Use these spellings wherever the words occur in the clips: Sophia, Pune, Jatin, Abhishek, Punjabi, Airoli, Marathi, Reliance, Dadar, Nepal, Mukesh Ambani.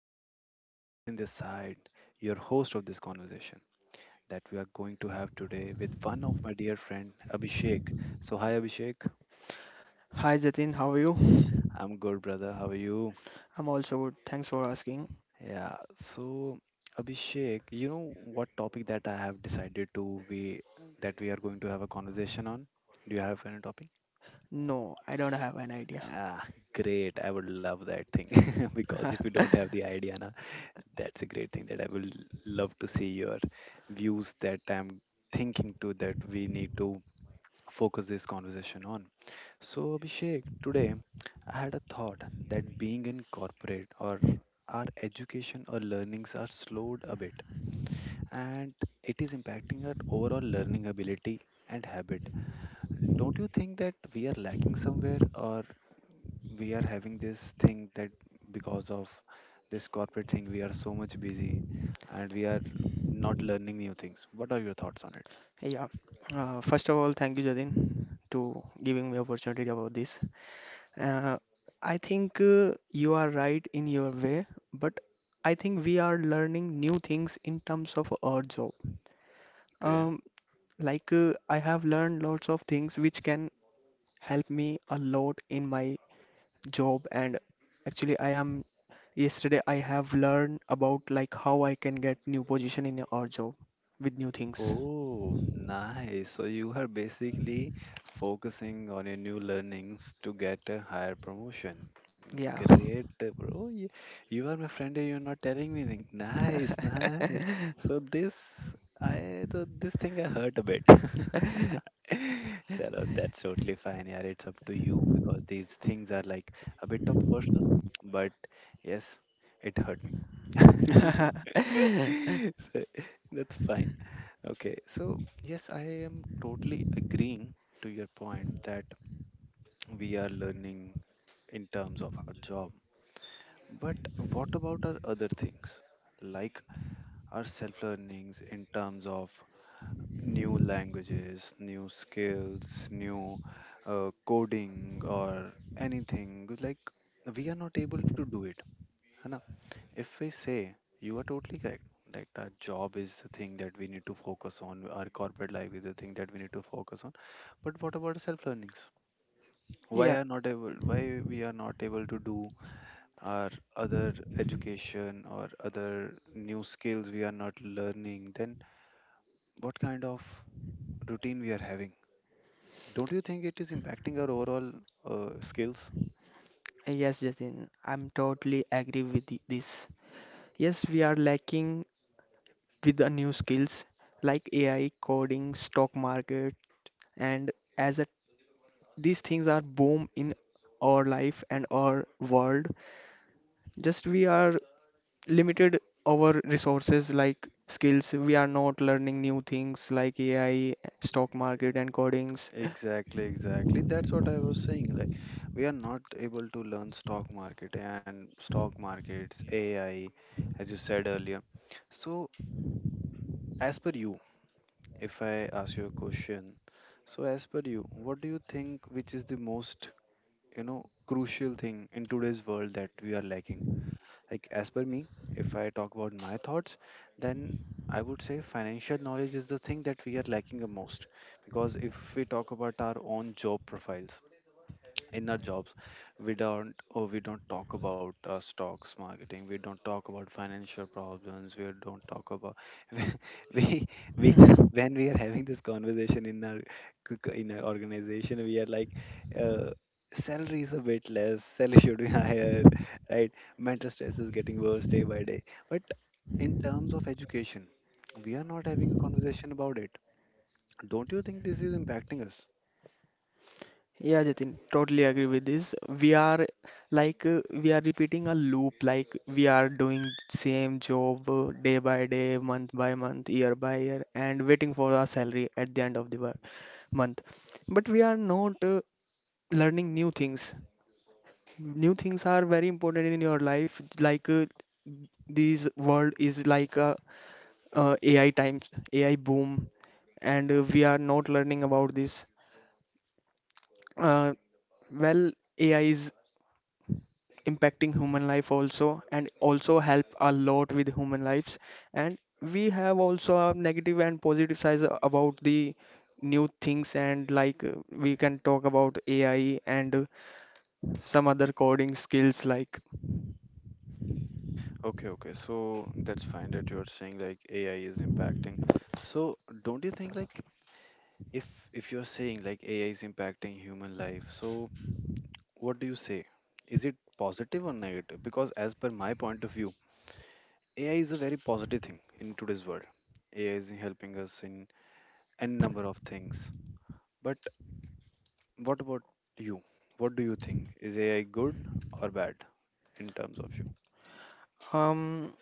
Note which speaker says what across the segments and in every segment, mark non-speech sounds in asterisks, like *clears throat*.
Speaker 1: Hi guys, Jatin this side, your host of this conversation that we are going to have today with one of my dear friend Abhishek. So, hi Abhishek.
Speaker 2: Hi Jatin, how are you?
Speaker 1: I'm good, brother. How are you?
Speaker 2: I'm also good. Thanks for asking.
Speaker 1: Yeah. So, Abhishek, you know what topic that I have decided to be that we are going to have a conversation on? Do you have any topic?
Speaker 2: No, I don't have an idea.
Speaker 1: Ah, Great. I would love that thing *laughs* because if
Speaker 2: *laughs*
Speaker 1: you don't have the idea na. That's a great thing that I will love to see your views that I'm thinking to that we need to focus this conversation on. So, Abhishek, today I had a thought that being in corporate or our education or learnings are slowed a bit, and it is impacting our overall learning ability and habit. Don't you think that we are lacking somewhere, or we are having this thing that because of this corporate thing, we are so much busy and we are not learning new things? What are your thoughts on it?
Speaker 2: Yeah. First of all, thank you Jatin to giving me opportunity about this. Uh, I think you are right in your way, but I think we are learning new things in terms of our job.
Speaker 1: Okay.
Speaker 2: Um, like I have learned lots of things which can help me a lot in my job and actually I am Yesterday I have learned about like how I can get new position in our job with new things.
Speaker 1: Oh, nice. So you are basically focusing on your new learnings to get a higher promotion.
Speaker 2: Yeah.
Speaker 1: Great, bro. You are my friend, and you're not telling me anything. Nice, nice.
Speaker 2: *laughs*
Speaker 1: So this, I, so this thing I hurt a bit. *laughs* Chalo, that's totally fine. Yeah, it's up to you because these things are like a bit of personal, but yes, it hurt me. *laughs* So that's fine. Okay, so yes, I am totally agreeing to your point that we are learning in terms of our job. But what about our other things, like our self learnings in terms of new languages, new skills, new coding, or anything? Like, we are not able to do it. If we say you are totally correct, like our job is the thing that we need to focus on, our corporate life is the thing that we need to focus on. But what about self learnings? Why
Speaker 2: Yeah,
Speaker 1: are not able? Why we are not able to do our other education or other new skills we are not learning? Then what kind of routine we are having? Don't you think it is impacting our overall skills?
Speaker 2: yes, Jatin. I'm totally agree with this. Yes, we are lacking with the new skills like AI, coding, stock market, and as a, these things are boom in our life and our world. Just we are limited our resources like skills. We are not learning new things like AI, stock market, and codings.
Speaker 1: Exactly, exactly. That's what I was saying. Like, we are not able to learn stock market and stock markets, AI, as you said earlier. So, as per you, if I ask you a question, so as per you, what do you think which is the most, you know, crucial thing in today's world that we are lacking? Like, as per me, if I talk about my thoughts, then I would say financial knowledge is the thing that we are lacking the most. Because if we talk about our own job profiles, in our jobs we don't, or we don't talk about stocks marketing, we don't talk about financial problems, we don't talk about *laughs* we
Speaker 2: *laughs*
Speaker 1: when we are having this conversation in our in our organization, we are like uh, salary is a bit less, salary *laughs* should be higher, right? Mental stress is getting worse day by day, but in terms of education we are not having a conversation about it. Don't you think this is impacting us?
Speaker 2: Yeah, Jatin, totally agree with this. We are like we are repeating a loop, like we are doing same job day by day, month by month, year by year, and waiting for our salary at the end of the month. But we are not learning new things. New things are very important in your life, like this world is like a AI times, AI boom, and we are not learning about this. Uh, well, AI is impacting human life also, and also help a lot with human lives. And we have also a negative and positive sides about the new things, and like we can talk about AI and some other coding skills. Like,
Speaker 1: Okay, okay. So that's fine that you're saying like AI is impacting. So don't you think like if you're saying like AI is impacting human life, so what do you say? Is it positive or negative? Because as per my point of view, AI is a very positive thing in today's world. AI is helping us in n number of things. But what about you? What do you think? Is AI good or bad in terms of you?
Speaker 2: um,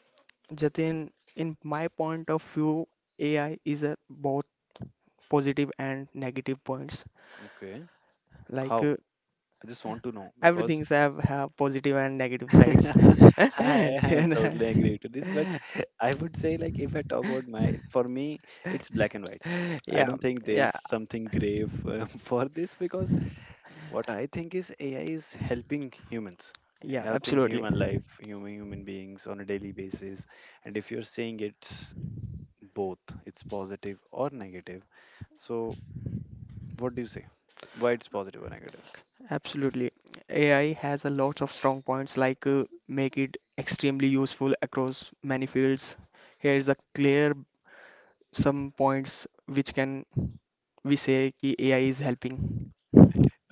Speaker 2: Jatin, in my point of view, AI is a both positive and negative points
Speaker 1: Okay.
Speaker 2: like
Speaker 1: How? I just want to know because
Speaker 2: everything's have positive and negative sides.
Speaker 1: *laughs* I
Speaker 2: *laughs*
Speaker 1: am
Speaker 2: And,
Speaker 1: totally agree to this, but
Speaker 2: *laughs*
Speaker 1: *laughs* I would say like if I talk about my, for me, it's black and white. I
Speaker 2: yeah,
Speaker 1: don't think
Speaker 2: yeah,
Speaker 1: there's something grave *laughs* for this, because what I think is AI is helping humans,
Speaker 2: yeah,
Speaker 1: helping
Speaker 2: absolutely,
Speaker 1: human life, human beings on a daily basis, and if you're saying it's both, it's positive or negative. So what do you say? Why it's positive or negative?
Speaker 2: absolutely. AI has a lot of strong points like make it extremely useful across many fields. Here is a clear some points which can we say ki AI is helping.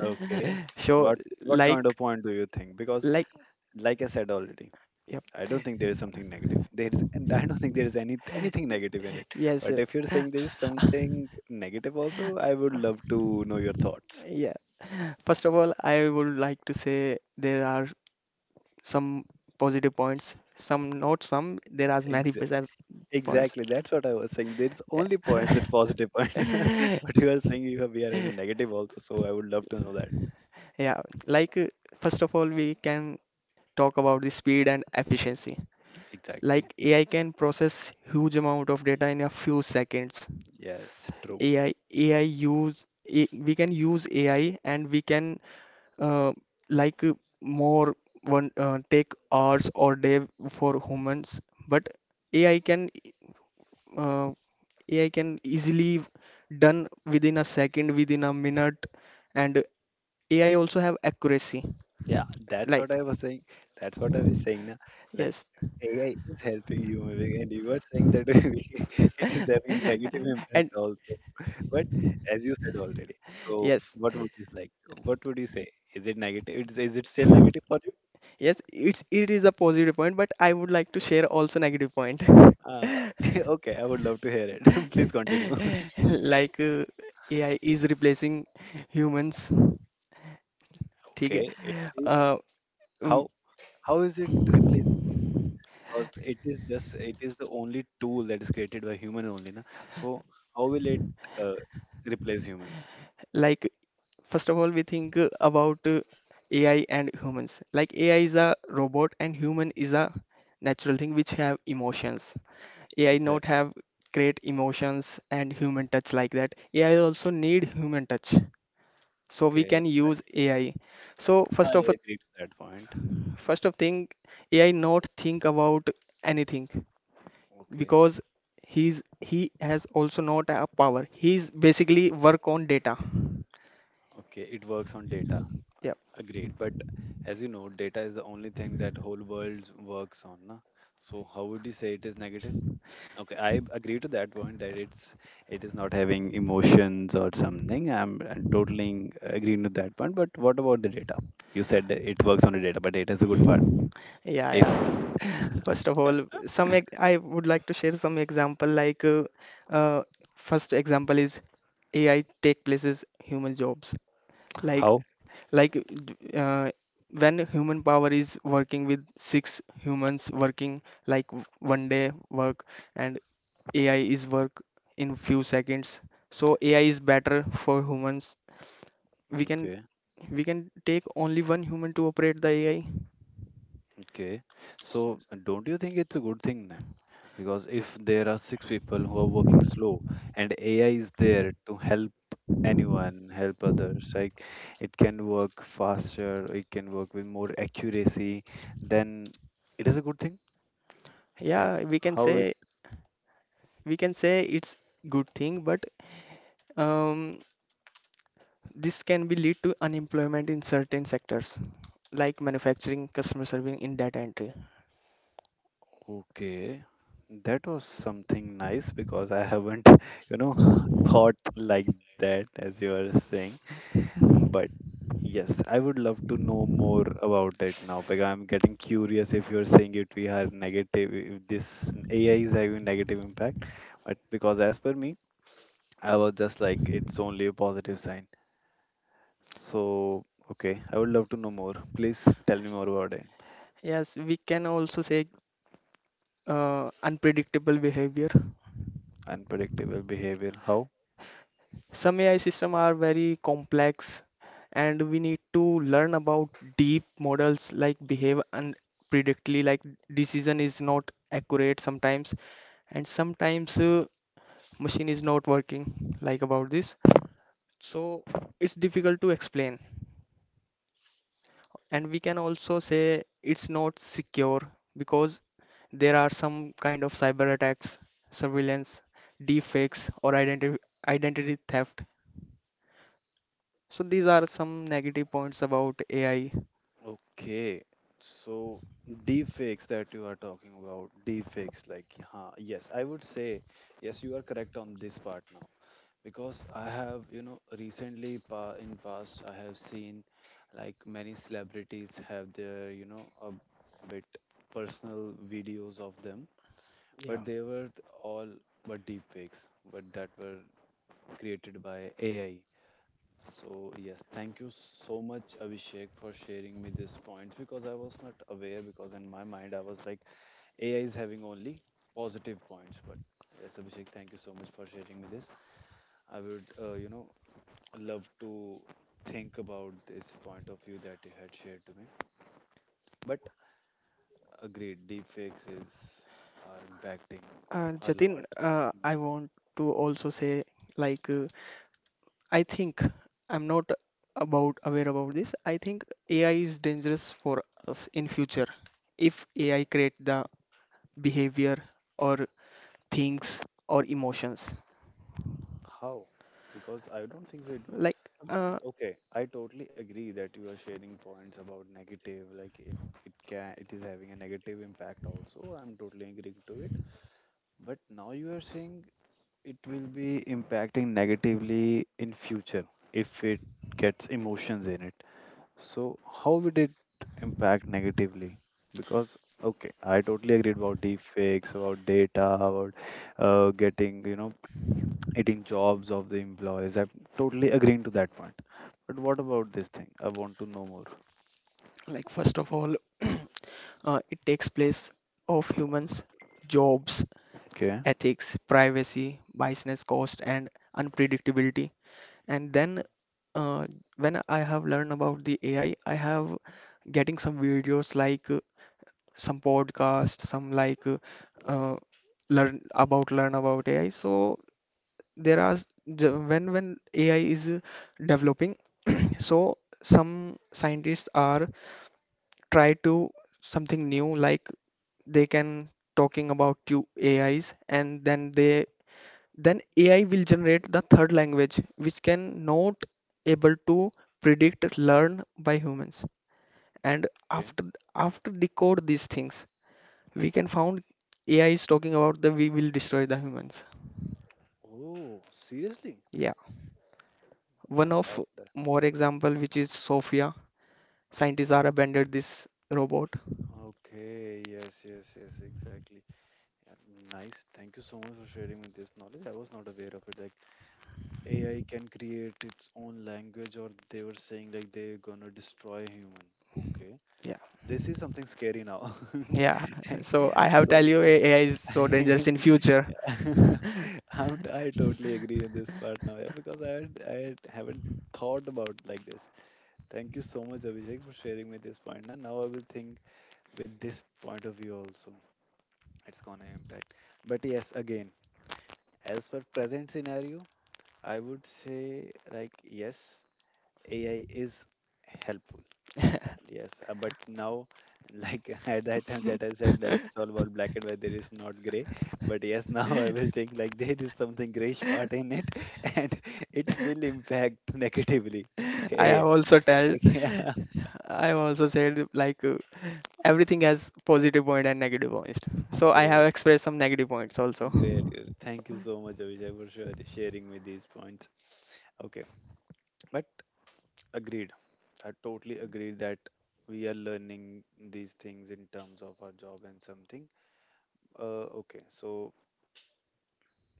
Speaker 1: Okay.
Speaker 2: So
Speaker 1: What kind of
Speaker 2: like
Speaker 1: point do you think? Because
Speaker 2: like
Speaker 1: like I said already,
Speaker 2: yep.
Speaker 1: I don't think there is something negative. There is, and I don't think there is any anything negative in it.
Speaker 2: Yes,
Speaker 1: But
Speaker 2: yes.
Speaker 1: if you're saying there is something negative also, I would love to know your thoughts.
Speaker 2: Yeah. First of all, I would like to say there are some positive points, some not some. There are many
Speaker 1: Exa-
Speaker 2: positive points.
Speaker 1: exactly, that's what I was saying. There's only points at positive point, *laughs*
Speaker 2: *laughs*
Speaker 1: but you are saying you have, we are having negative also. So I would love to know that.
Speaker 2: Yeah, like first of all, we can talk about the speed and efficiency.
Speaker 1: Exactly.
Speaker 2: Like AI can process huge amount of data in a few seconds.
Speaker 1: Yes, true.
Speaker 2: AI use we can use AI and we can uh, like more one take hours or day for humans, but AI can uh, AI can easily done within a second, within a minute, and AI also have accuracy.
Speaker 1: Yeah, that's what
Speaker 2: Like
Speaker 1: I was saying. That's what I was saying. Na? Like
Speaker 2: yes,
Speaker 1: AI is helping you, and you are saying that *laughs* it is having
Speaker 2: *laughs*
Speaker 1: negative
Speaker 2: and
Speaker 1: impact also. But as you said already, so
Speaker 2: yes,
Speaker 1: what would you like? What would you say? Is it negative? It's, is it still negative for you?
Speaker 2: yes, it's it is a positive point, but I would like to share also negative point. *laughs*
Speaker 1: Uh, *laughs* okay, I would love to hear it. *laughs* Please continue. *laughs*
Speaker 2: Like AI is replacing humans. ठीक है?
Speaker 1: Okay, it is,
Speaker 2: Uh, um,
Speaker 1: how how is it replaced? Because it is just it is the only tool that is created by human only, na? So how will it uh, replace humans?
Speaker 2: like first of all, we think about AI and humans. Like AI is a robot and human is a natural thing which have emotions. AI not
Speaker 1: Exactly.
Speaker 2: have great emotions and human touch like that. AI also need human touch. So we
Speaker 1: Okay,
Speaker 2: can use AI. So first
Speaker 1: I
Speaker 2: of a,
Speaker 1: agree to that point.
Speaker 2: first of thing, AI not think about anything
Speaker 1: Okay,
Speaker 2: because he has also not a power. He's basically work on data.
Speaker 1: okay, it works on data.
Speaker 2: Yep.
Speaker 1: Agreed. But as you know, data is the only thing that whole world works on. Na? So how would you say it is negative? Okay, I agree to that point that it's it is not having emotions or something. I'm, I totally agreeing with that point. But what about the data? You said that it works on the data, but data is a good part.
Speaker 2: Yeah.
Speaker 1: If
Speaker 2: Yeah, first of all, some I would like to share some example like uh, first example is AI take places human jobs. Like
Speaker 1: how?
Speaker 2: like uh, when human power is working with six humans working like one day work and AI is work in few seconds. So AI is better for humans. We can
Speaker 1: Okay,
Speaker 2: we can take only one human to operate the AI.
Speaker 1: okay. So don't you think it's a good thing then? Because if there are six people who are working slow and AI is there to help anyone help others, like it can work faster, it can work with more accuracy, then it is a good thing. Then
Speaker 2: Yeah,
Speaker 1: how it
Speaker 2: we can say it's good thing, but Um, this can be lead to unemployment in certain sectors like manufacturing, customer serving in data entry.
Speaker 1: okay, that was something nice, because I haven't *laughs* you know *laughs* thought like that as you are saying. But yes, I would love to know more about it now, because I'm getting curious if you're saying it we are negative, if this AI is having negative impact. But because as per me, I was just like, it's only a positive sign. So, okay, I would love to know more. Please tell me more about it.
Speaker 2: Yes, we can also say unpredictable behavior.
Speaker 1: Unpredictable behavior. How?
Speaker 2: Some AI systems are very complex and we need to learn about deep models like behave unpredictably like decision is not accurate sometimes and sometimes machine is not working like about this. So it's difficult to explain. And we can also say it's not secure because there are some kind of cyber attacks, surveillance, deepfakes, or identity theft. So these are some negative points about AI.
Speaker 1: Okay, so deepfakes that you are talking about, deepfakes, like, huh, yes, I would say, yes, you are correct on this part now because I have, you know, recently pa in past I have seen like many celebrities have their, you know, a bit personal videos of them,
Speaker 2: Yeah.
Speaker 1: but they were all but deepfakes, but that were created by AI. So yes, thank you so much, Abhishek, for sharing me these points because I was not aware. Because in my mind, I was like, AI is having only positive points. But yes, Abhishek, thank you so much for sharing me this. I would, you know, love to think about this point of view that you had shared to me. But agreed, deepfakes is are impacting a lot.
Speaker 2: Jatin, I want to also say, like, I think I'm not about aware about this. I think AI is dangerous for us in future if AI create the behavior or things or emotions.
Speaker 1: How? Because I don't think so. It will.
Speaker 2: Like
Speaker 1: Um,
Speaker 2: uh,
Speaker 1: Okay, I totally agree that you are sharing points about negative, like it can it is having a negative impact also. I'm totally agreeing to it. But now you are saying it will be impacting negatively in future if it gets emotions in it. So how would it impact negatively? Because okay, I totally agreed about deepfakes, about data, about getting you know eating jobs of the employees. I'm totally agreeing to that point. But what about this thing? I want to know more.
Speaker 2: like first of all, *clears throat* it takes place of humans jobs,
Speaker 1: Okay.
Speaker 2: ethics, privacy, business cost, and unpredictability. And then uh, when I have learned about the AI, I have getting some videos like some podcast, some like uh, learn about learn about AI. So there are when AI is developing, *clears throat* so some scientists are try to something new, like they can talking about you AIs, and then they then ai will generate the third language which can not able to predict learn by humans. And
Speaker 1: Okay.
Speaker 2: after decode these things we can found AI is talking about the we will destroy the humans.
Speaker 1: Oh, seriously?
Speaker 2: Yeah,
Speaker 1: My
Speaker 2: one of
Speaker 1: God. That-
Speaker 2: more example which is Sophia. Scientists are abandoned this robot.
Speaker 1: Okay. Yes, yes, yes, exactly. Yeah, nice. Thank you so much for sharing me this knowledge. I was not aware of it. Like AI can create its own language, or they were saying like they're gonna destroy human. Okay.
Speaker 2: Yeah.
Speaker 1: This is something scary now. *laughs*
Speaker 2: Yeah, *laughs* so I have
Speaker 1: So
Speaker 2: tell you AI is so dangerous in future.
Speaker 1: *laughs*
Speaker 2: *laughs*
Speaker 1: I'm, I totally agree on this part now, yeah, because I had, haven't thought about like this. Thank you so much, Abhishek, for sharing me this point. And now I will think with this point of view also. It's gonna impact. But yes, again, as per present scenario, I would say like yes, AI is helpful. Yes, but now, like *laughs* at that time that I said, like it's all about black and white, there is not gray. But yes, *laughs* now I will think like there is something grayish part in it, *laughs* and it will impact negatively. *laughs*
Speaker 2: I
Speaker 1: Yeah,
Speaker 2: have also tell
Speaker 1: like, yeah.
Speaker 2: I have also said like everything has positive point and negative points. So
Speaker 1: *laughs*
Speaker 2: I have
Speaker 1: Great,
Speaker 2: expressed some negative points also.
Speaker 1: great, great. Thank you so much, Abhijay, for sharing me these points. Okay, but agreed. I totally agree that we are learning these things in terms of our job and something. Okay, so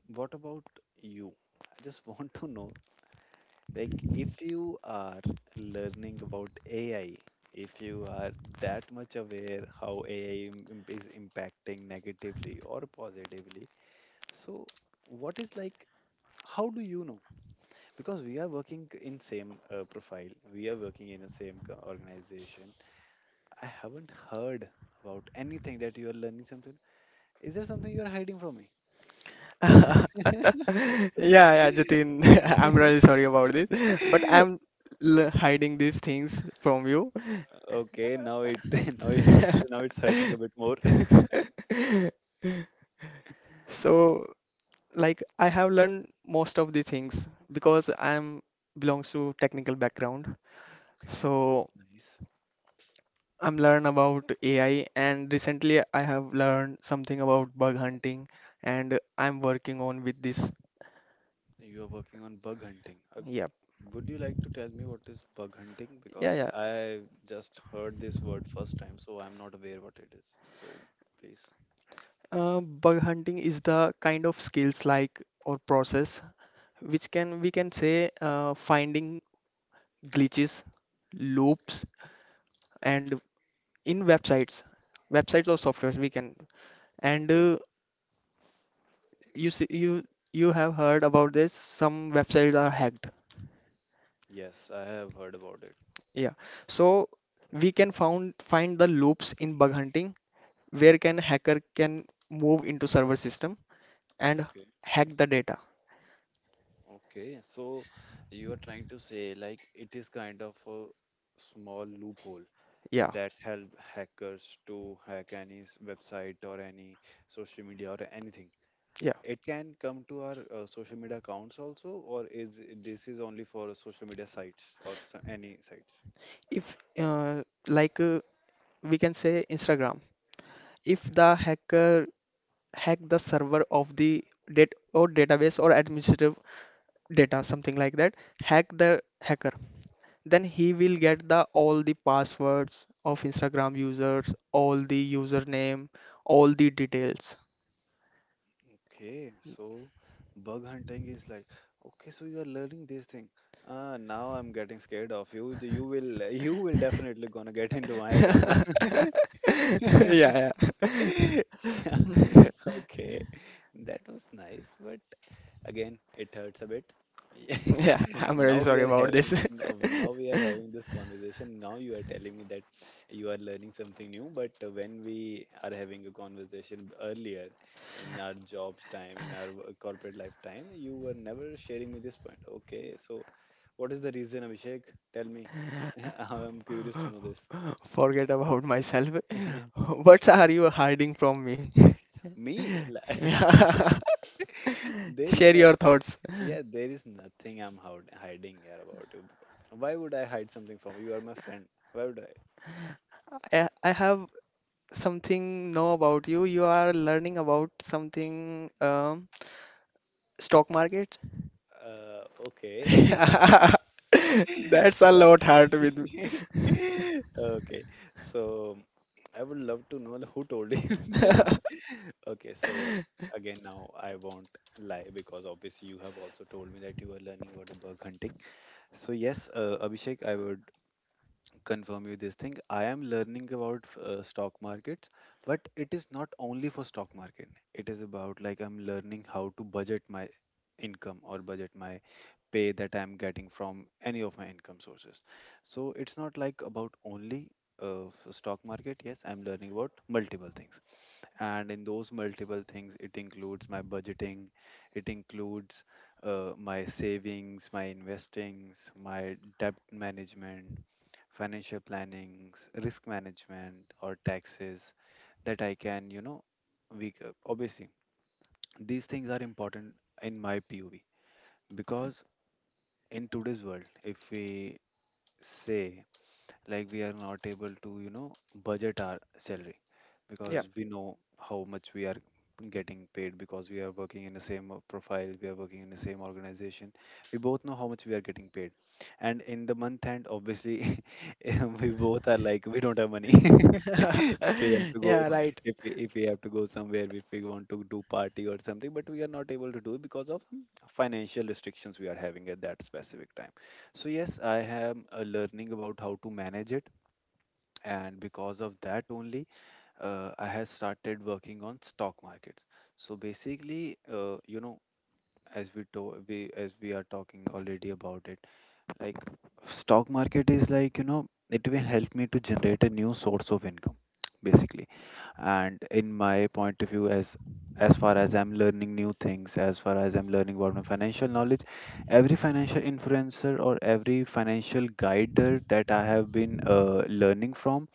Speaker 1: what about you? I just *laughs* want to know, like, if you are learning about AI, if you are that much aware how AI is impacting negatively or positively, so what is like, how do you know? Because we are working in same profile, we are working in the same organization. I haven't heard about anything that you are learning something. Is there something you are hiding from me?
Speaker 2: *laughs* Yeah, yeah, Jatin, *laughs* I'm really sorry about this, but I'm
Speaker 1: *laughs*
Speaker 2: l hiding these things from you.
Speaker 1: Okay, now it *laughs* Now it's hurting a bit more.
Speaker 2: *laughs* So like I have learned most of the things because I'm belongs to technical background.
Speaker 1: Okay,
Speaker 2: So
Speaker 1: nice.
Speaker 2: I'm learn about AI and recently I have learned something about bug hunting and I'm working on with this.
Speaker 1: You are working on bug hunting.
Speaker 2: Yep.
Speaker 1: Would you like to tell me what is bug hunting?
Speaker 2: Yeah,
Speaker 1: Because
Speaker 2: yeah.
Speaker 1: I just heard this word first time, so I'm not aware what it is. So please.
Speaker 2: Bug hunting is the kind of skills like or process which can we can say finding glitches,
Speaker 1: Okay.
Speaker 2: loops, and in websites or softwares we can and
Speaker 1: Okay.
Speaker 2: you see you have heard about this, some websites are hacked.
Speaker 1: Yes, I have heard about it.
Speaker 2: Yeah, so we can found find the loops in bug hunting where can hacker can move into server system and
Speaker 1: Okay.
Speaker 2: hack the data.
Speaker 1: Okay, so you are trying to say like it is kind of a small loophole
Speaker 2: Yeah.
Speaker 1: that help hackers to hack any website or any social media or anything.
Speaker 2: Yeah,
Speaker 1: It can come to our social media accounts also, or is this is only for social media sites or any sites?
Speaker 2: if like we can say Instagram, if
Speaker 1: Okay.
Speaker 2: the hacker hack the server of the date or database or administrative data something like that, hack the hacker, then he will get the all the passwords of Instagram users, all the username, all the details.
Speaker 1: Okay, so bug hunting is like, okay, so you are learning this thing. Ah, now I'm getting scared of you. *laughs* You will definitely gonna get into my account. *laughs*
Speaker 2: *laughs*
Speaker 1: Yeah.
Speaker 2: Yeah, yeah.
Speaker 1: *laughs*
Speaker 2: *laughs*
Speaker 1: Okay, that was nice, but again, it hurts a bit.
Speaker 2: Yeah,
Speaker 1: *laughs*
Speaker 2: I'm really
Speaker 1: Now we
Speaker 2: sorry
Speaker 1: are
Speaker 2: about this.
Speaker 1: having now, now we are
Speaker 2: *laughs*
Speaker 1: having this conversation. Now you are telling me that you are learning something new, but when we are having a conversation earlier in our jobs time, in our corporate lifetime, you were never sharing me this point. Okay, so what is the reason, Abhishek? Tell me. *laughs* I'm curious to know this.
Speaker 2: Forget about myself.
Speaker 1: *laughs*
Speaker 2: *laughs* What are you hiding from me? *laughs*
Speaker 1: Me? *laughs*
Speaker 2: Yeah. *laughs*
Speaker 1: There is
Speaker 2: Share
Speaker 1: no—
Speaker 2: your thoughts.
Speaker 1: yeah, there is nothing I'm hiding here about you. Why would I hide something from you? You are my friend. Why would I?
Speaker 2: I have something know about you. You are learning about something stock market.
Speaker 1: Okay.
Speaker 2: *laughs*
Speaker 1: *laughs*
Speaker 2: That's a
Speaker 1: So—
Speaker 2: lot hard with me.
Speaker 1: *laughs* okay. So I would love to know who told you *laughs* this.
Speaker 2: *laughs*
Speaker 1: Okay. So again, now I won't lie because obviously you have also told me that you were learning about the bug hunting. So yes, Abhishek, I would confirm you this thing. I am learning about stock markets, but it is not only for stock market. It is about like I'm learning how to budget my income or budget my pay that I'm getting from any of my income sources. So it's not like about only stock market. Yes, I'm learning about multiple things, and in those multiple things, it includes my budgeting, it includes my savings, my investings, my debt management, financial plannings, risk management, or taxes that I can, you know, obviously these things are important in my POV because in today's world, if we say like we are not able to, you know, budget our salary
Speaker 2: Yeah.
Speaker 1: because we know how much we are getting paid because we are working in the same profile, we are working in the same organization, we both know how much we are getting paid, and in the month end obviously *laughs* we both are like we don't have money. *laughs* If we have
Speaker 2: *laughs*
Speaker 1: to go—
Speaker 2: Yeah, right.
Speaker 1: if we have to go somewhere, if we want to do party or something, but we are not able to do because of some financial restrictions we are having at that specific time. So yes, I am learning about how to manage it, and because of that only, I have started working on stock markets. So basically, you know, as we are talking already about it, like stock market is like, you know, it will help me to generate a new source of income, basically. And in my point of view, as far as I'm learning new things, as far as I'm learning about my financial knowledge, every financial influencer or every financial guider that I have been learning from,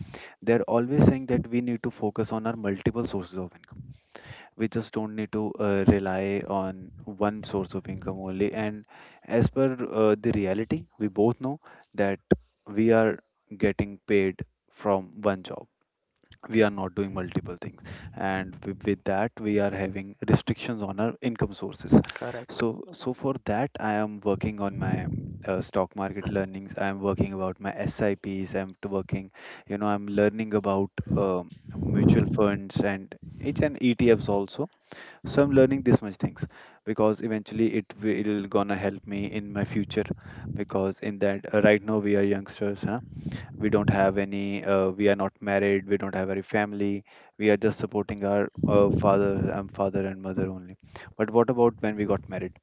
Speaker 1: they're always saying that we need to focus on our multiple sources of income. We just don't need to rely on one source of income only. And as per the reality, we both know that we are getting paid from one job, we are not doing multiple things, and with that we are having restrictions on our income sources.
Speaker 2: Correct.
Speaker 1: So so for that I am working on my stock market learnings, I am working about my sips, working, you know, I'm learning about mutual funds and each and etfs also. So I'm learning this much things because eventually it will gonna help me in my future. Because in that, right now we are youngsters, huh? We don't have any— we are not married, we don't have any family, we are just supporting our father and mother only. But what about when we got married,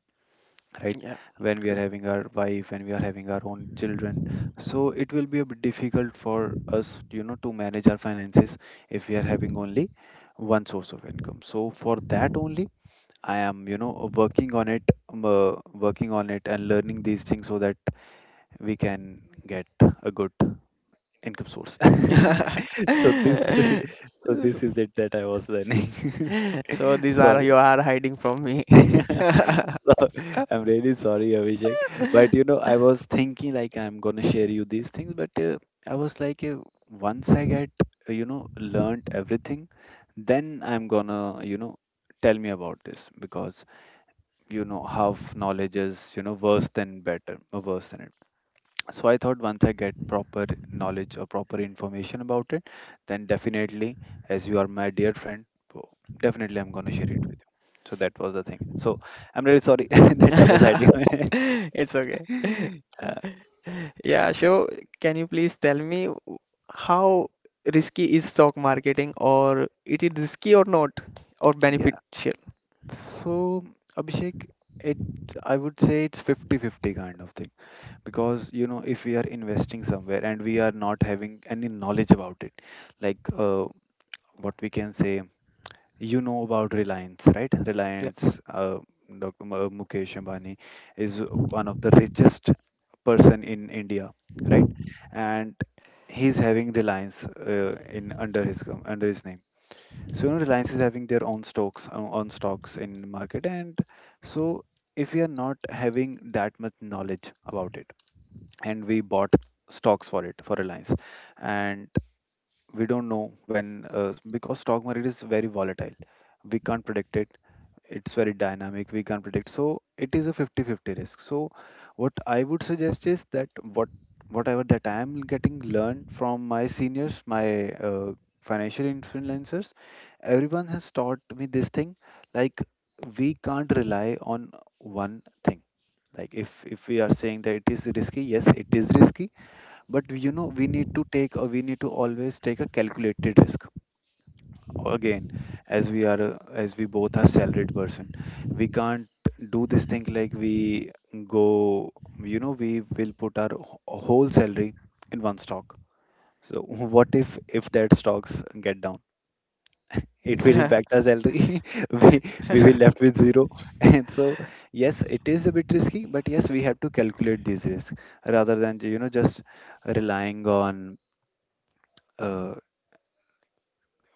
Speaker 1: right?
Speaker 2: Yeah.
Speaker 1: When we are having our wife, when we are having our own children, so it will be a bit difficult for us, you know, to manage our finances if we are having only one source of income. So for that only I am, you know, working on it and learning these things so that we can get a good income source.
Speaker 2: *laughs*
Speaker 1: *laughs* So this, *laughs* so this is it that I was learning.
Speaker 2: So
Speaker 1: *laughs*
Speaker 2: these
Speaker 1: Sorry.
Speaker 2: are you are hiding from me.
Speaker 1: *laughs*
Speaker 2: *laughs*
Speaker 1: So I'm really sorry, Abhishek. But you know, I was thinking like I'm gonna share you these things, but I was like, once I get, you know, learned everything, then I'm gonna, you know, tell me about this. Because you know half knowledge is, you know, worse than better or worse than it. So I thought once I get proper knowledge or proper information about it, then definitely, as you are my dear friend, so definitely I'm going to share it with you. So that was the thing. So I'm really sorry *laughs* that I was hiding on it.
Speaker 2: It's okay.
Speaker 1: *laughs* uh,
Speaker 2: Yeah, so can you please tell me how risky is stock marketing, or it is risky or not or
Speaker 1: yeah,
Speaker 2: beneficial?
Speaker 1: so Abhishek, it— I would say it's fifty-fifty kind of thing because, you know, if we are investing somewhere and we are not having any knowledge about it, like, uh, what we can say, you know, about Reliance, right? Reliance, Dr. Mukesh Ambani is one of the richest person in India, right? And he's having Reliance in under his under his name. So you know, Reliance is having their own stocks on stocks in market, and so if we are not having that much knowledge about it, and we bought stocks for it for Reliance, and we don't know when— because stock market is very volatile, we can't predict it, it's very dynamic, we can't predict, so it is a fifty-fifty risk. So what I would suggest is that— what whatever that I am getting learned from my seniors, my financial influencers, everyone has taught me this thing, like we can't rely on one thing. Like if— if we are saying that it is risky, yes, it is risky, but you know, we need to take— we need to always take a calculated risk. Again, as we are as we both are salaried person, we can't do this thing like we go, you know, we will put our whole salary in one stock. So *laughs* what if— if that stocks get down, it will
Speaker 2: Yeah.
Speaker 1: impact our salary. *laughs* we we will
Speaker 2: *laughs*
Speaker 1: left with 0. *laughs* And so yes, it is a bit risky, but yes, we have to calculate these risks rather than, you know, just relying on uh,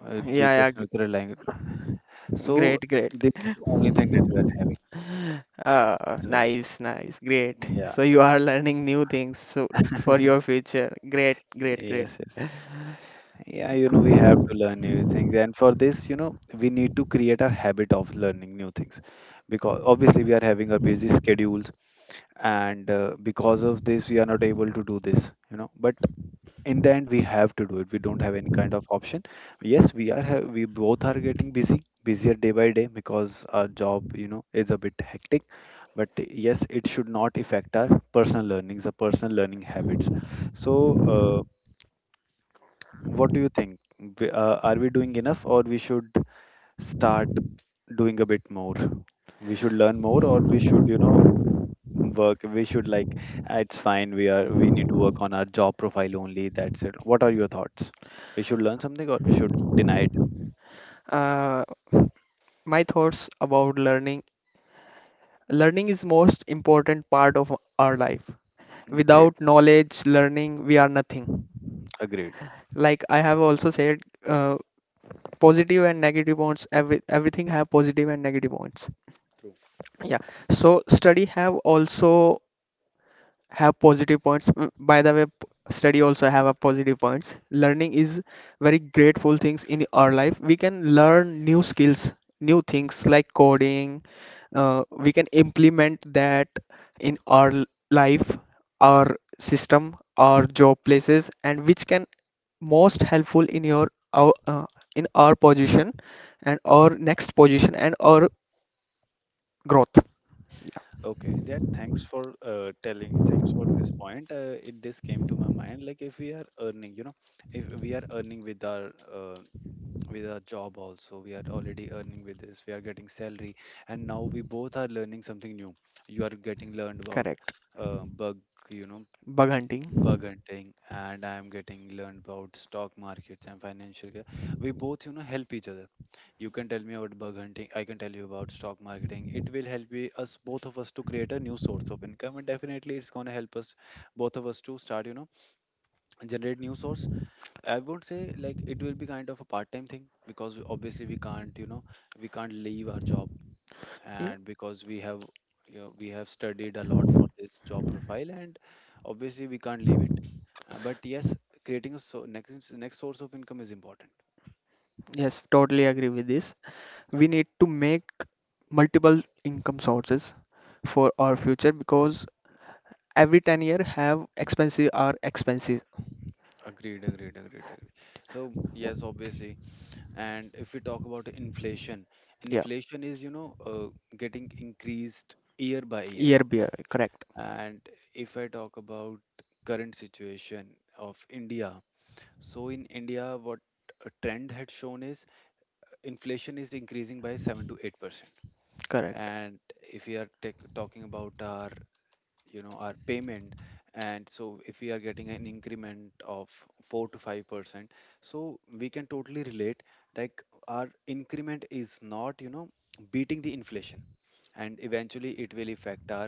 Speaker 2: Yeah,
Speaker 1: We
Speaker 2: yeah,
Speaker 1: just need to rely on it. So
Speaker 2: great, great.
Speaker 1: this is the only thing that we are having. So
Speaker 2: Nice, nice, great.
Speaker 1: yeah.
Speaker 2: So you are learning new things so for your
Speaker 1: *laughs*
Speaker 2: future. Great, great, great.
Speaker 1: Yes, yes. Yeah, you know, we have to learn new things. And for this, you know, we need to create a habit of learning new things because obviously we are having our busy schedules, and because of this, we are not able to do this, you know. But in the end we have to do it. We don't have any kind of option. Yes, we are we both are getting busy busier day by day because our job, you know, is a bit hectic. But yes, it should not affect our personal learnings, our personal learning habits. So uh, what do you think? Are we doing enough, or we should start doing a bit more? We should learn more, or we should, you know, work? We should like, "Ah, it's fine, we are, we need to work on our job profile only, that's it." What are your thoughts? We should learn something, or we should deny it?
Speaker 2: Uh, my thoughts about learning. Learning is most important part of our life.
Speaker 1: Great.
Speaker 2: Without knowledge, learning, we are nothing.
Speaker 1: Agreed.
Speaker 2: Like I have also said, uh, positive and negative points. Everything have positive and negative points. Yeah. So study have also have positive points. Mm, by the way, study also have a positive points. Learning is very grateful things in our life. We can learn new skills, new things like coding. We can implement that in our life, our system, our job places, and which can most helpful in your our, in our position and our next position and our growth. Yeah.
Speaker 1: Okay, yeah, thanks for telling, thanks for this point. It, this came to my mind, like if we are earning, you know, if we are earning with our job also, we are already earning with this, we are getting salary. And now we both are learning something new. You are getting learned about
Speaker 2: Correct.
Speaker 1: bug, you know,
Speaker 2: Bug hunting.
Speaker 1: bug hunting, and I am getting learned about stock markets and financial we both, you know, help each other. You can tell me about bug hunting, I can tell you about stock marketing. It will help we, us, both of us, to create a new source of income, and definitely it's going to help us both of us to start, you know, generate new source. I won't say like it will be kind of a part time thing, because obviously we can't, you know, we can't leave our job.
Speaker 2: Yeah,
Speaker 1: And because we have, you know, we have studied a lot for this job profile, and obviously we can't leave it. But yes, creating a next source of income is important.
Speaker 2: yes, totally agree with this. We need to make multiple income sources for our future because every 10-year have expensive or expensive.
Speaker 1: Agreed. So yes, obviously, and if we talk about inflation,
Speaker 2: Yeah,
Speaker 1: inflation is, you know, getting increased year by year.
Speaker 2: year by year. Correct.
Speaker 1: And if I talk about current situation of India, so in India what a trend had shown is inflation is increasing by 7 to 8%.
Speaker 2: Correct.
Speaker 1: And if we are tech talking about our, you know, our payment, and so if we are getting an increment of 4 to 5%, so we can totally relate like our increment is not, you know, beating the inflation. And eventually it will affect our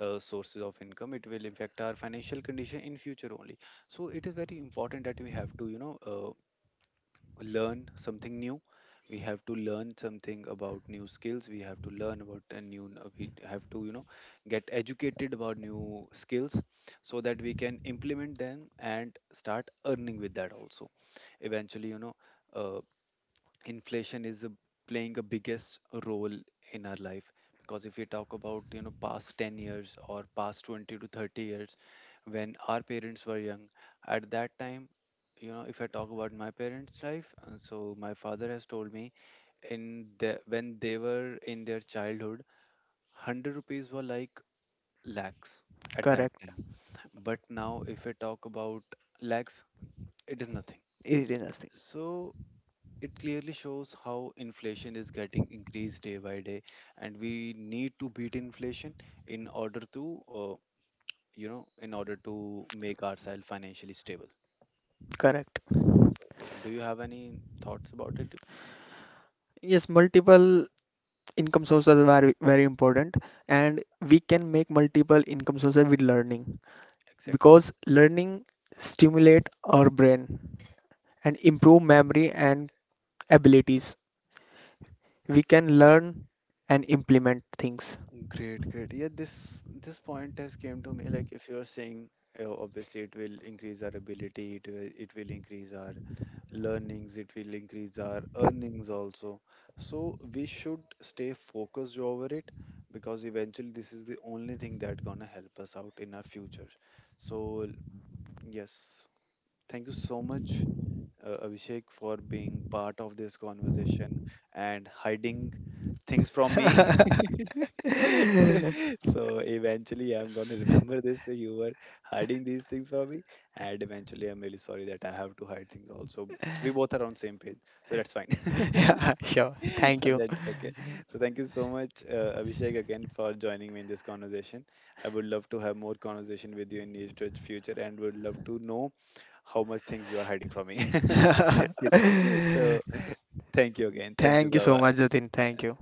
Speaker 1: sources of income, it will affect our financial condition in future only. So it is very important that we have to, you know, learn something new. We have to learn something about new skills, we have to learn about a new we have to, you know, get educated about new skills, so that we can implement them and start earning with that also. Eventually, you know, uh, inflation is playing a biggest role in our life, because if we talk about, you know, past 10 years or past 20 to 30 years, when our parents were young, at that time, you know, if I talk about my parents life, so my father has told me in the when they were in their childhood, 100 rupees were like lakhs at that
Speaker 2: Correct.
Speaker 1: time. But now if I talk about lakhs, it is nothing.
Speaker 2: It is nothing.
Speaker 1: So it clearly shows how inflation is getting increased day by day, and we need to beat inflation in order to, you know, in order to make ourselves financially stable.
Speaker 2: Correct.
Speaker 1: So, do you have any thoughts about it?
Speaker 2: Yes, multiple income sources are very very important, and we can make multiple income sources with learning,
Speaker 1: Exactly.
Speaker 2: because learning stimulate our brain and improve memory and abilities. We can learn and implement things.
Speaker 1: Great, great. Yeah, this point has came to me, like if you're saying obviously it will increase our ability, it will increase our learnings, it will increase our earnings also. So we should stay focused over it, because eventually this is the only thing that gonna help us out in our future. So yes, thank you so much, Abhishek, for being part of this conversation and hiding things from me.
Speaker 2: *laughs*
Speaker 1: *laughs* So eventually, I'm gonna remember this that you were hiding these things from me, and eventually, I'm really sorry that I have to hide things. Also, we both are on same page, so that's fine. *laughs*
Speaker 2: Yeah, sure. Thank
Speaker 1: So
Speaker 2: you.
Speaker 1: that's okay. So thank you so much, Abhishek, again for joining me in this conversation. I would love to have more conversation with you in near future, and would love to know how much things you are hiding from me. *laughs* Okay. So
Speaker 2: *laughs*
Speaker 1: thank you again. Thank you
Speaker 2: Thank you
Speaker 1: so
Speaker 2: so much,
Speaker 1: much.
Speaker 2: Jatin. Thank you.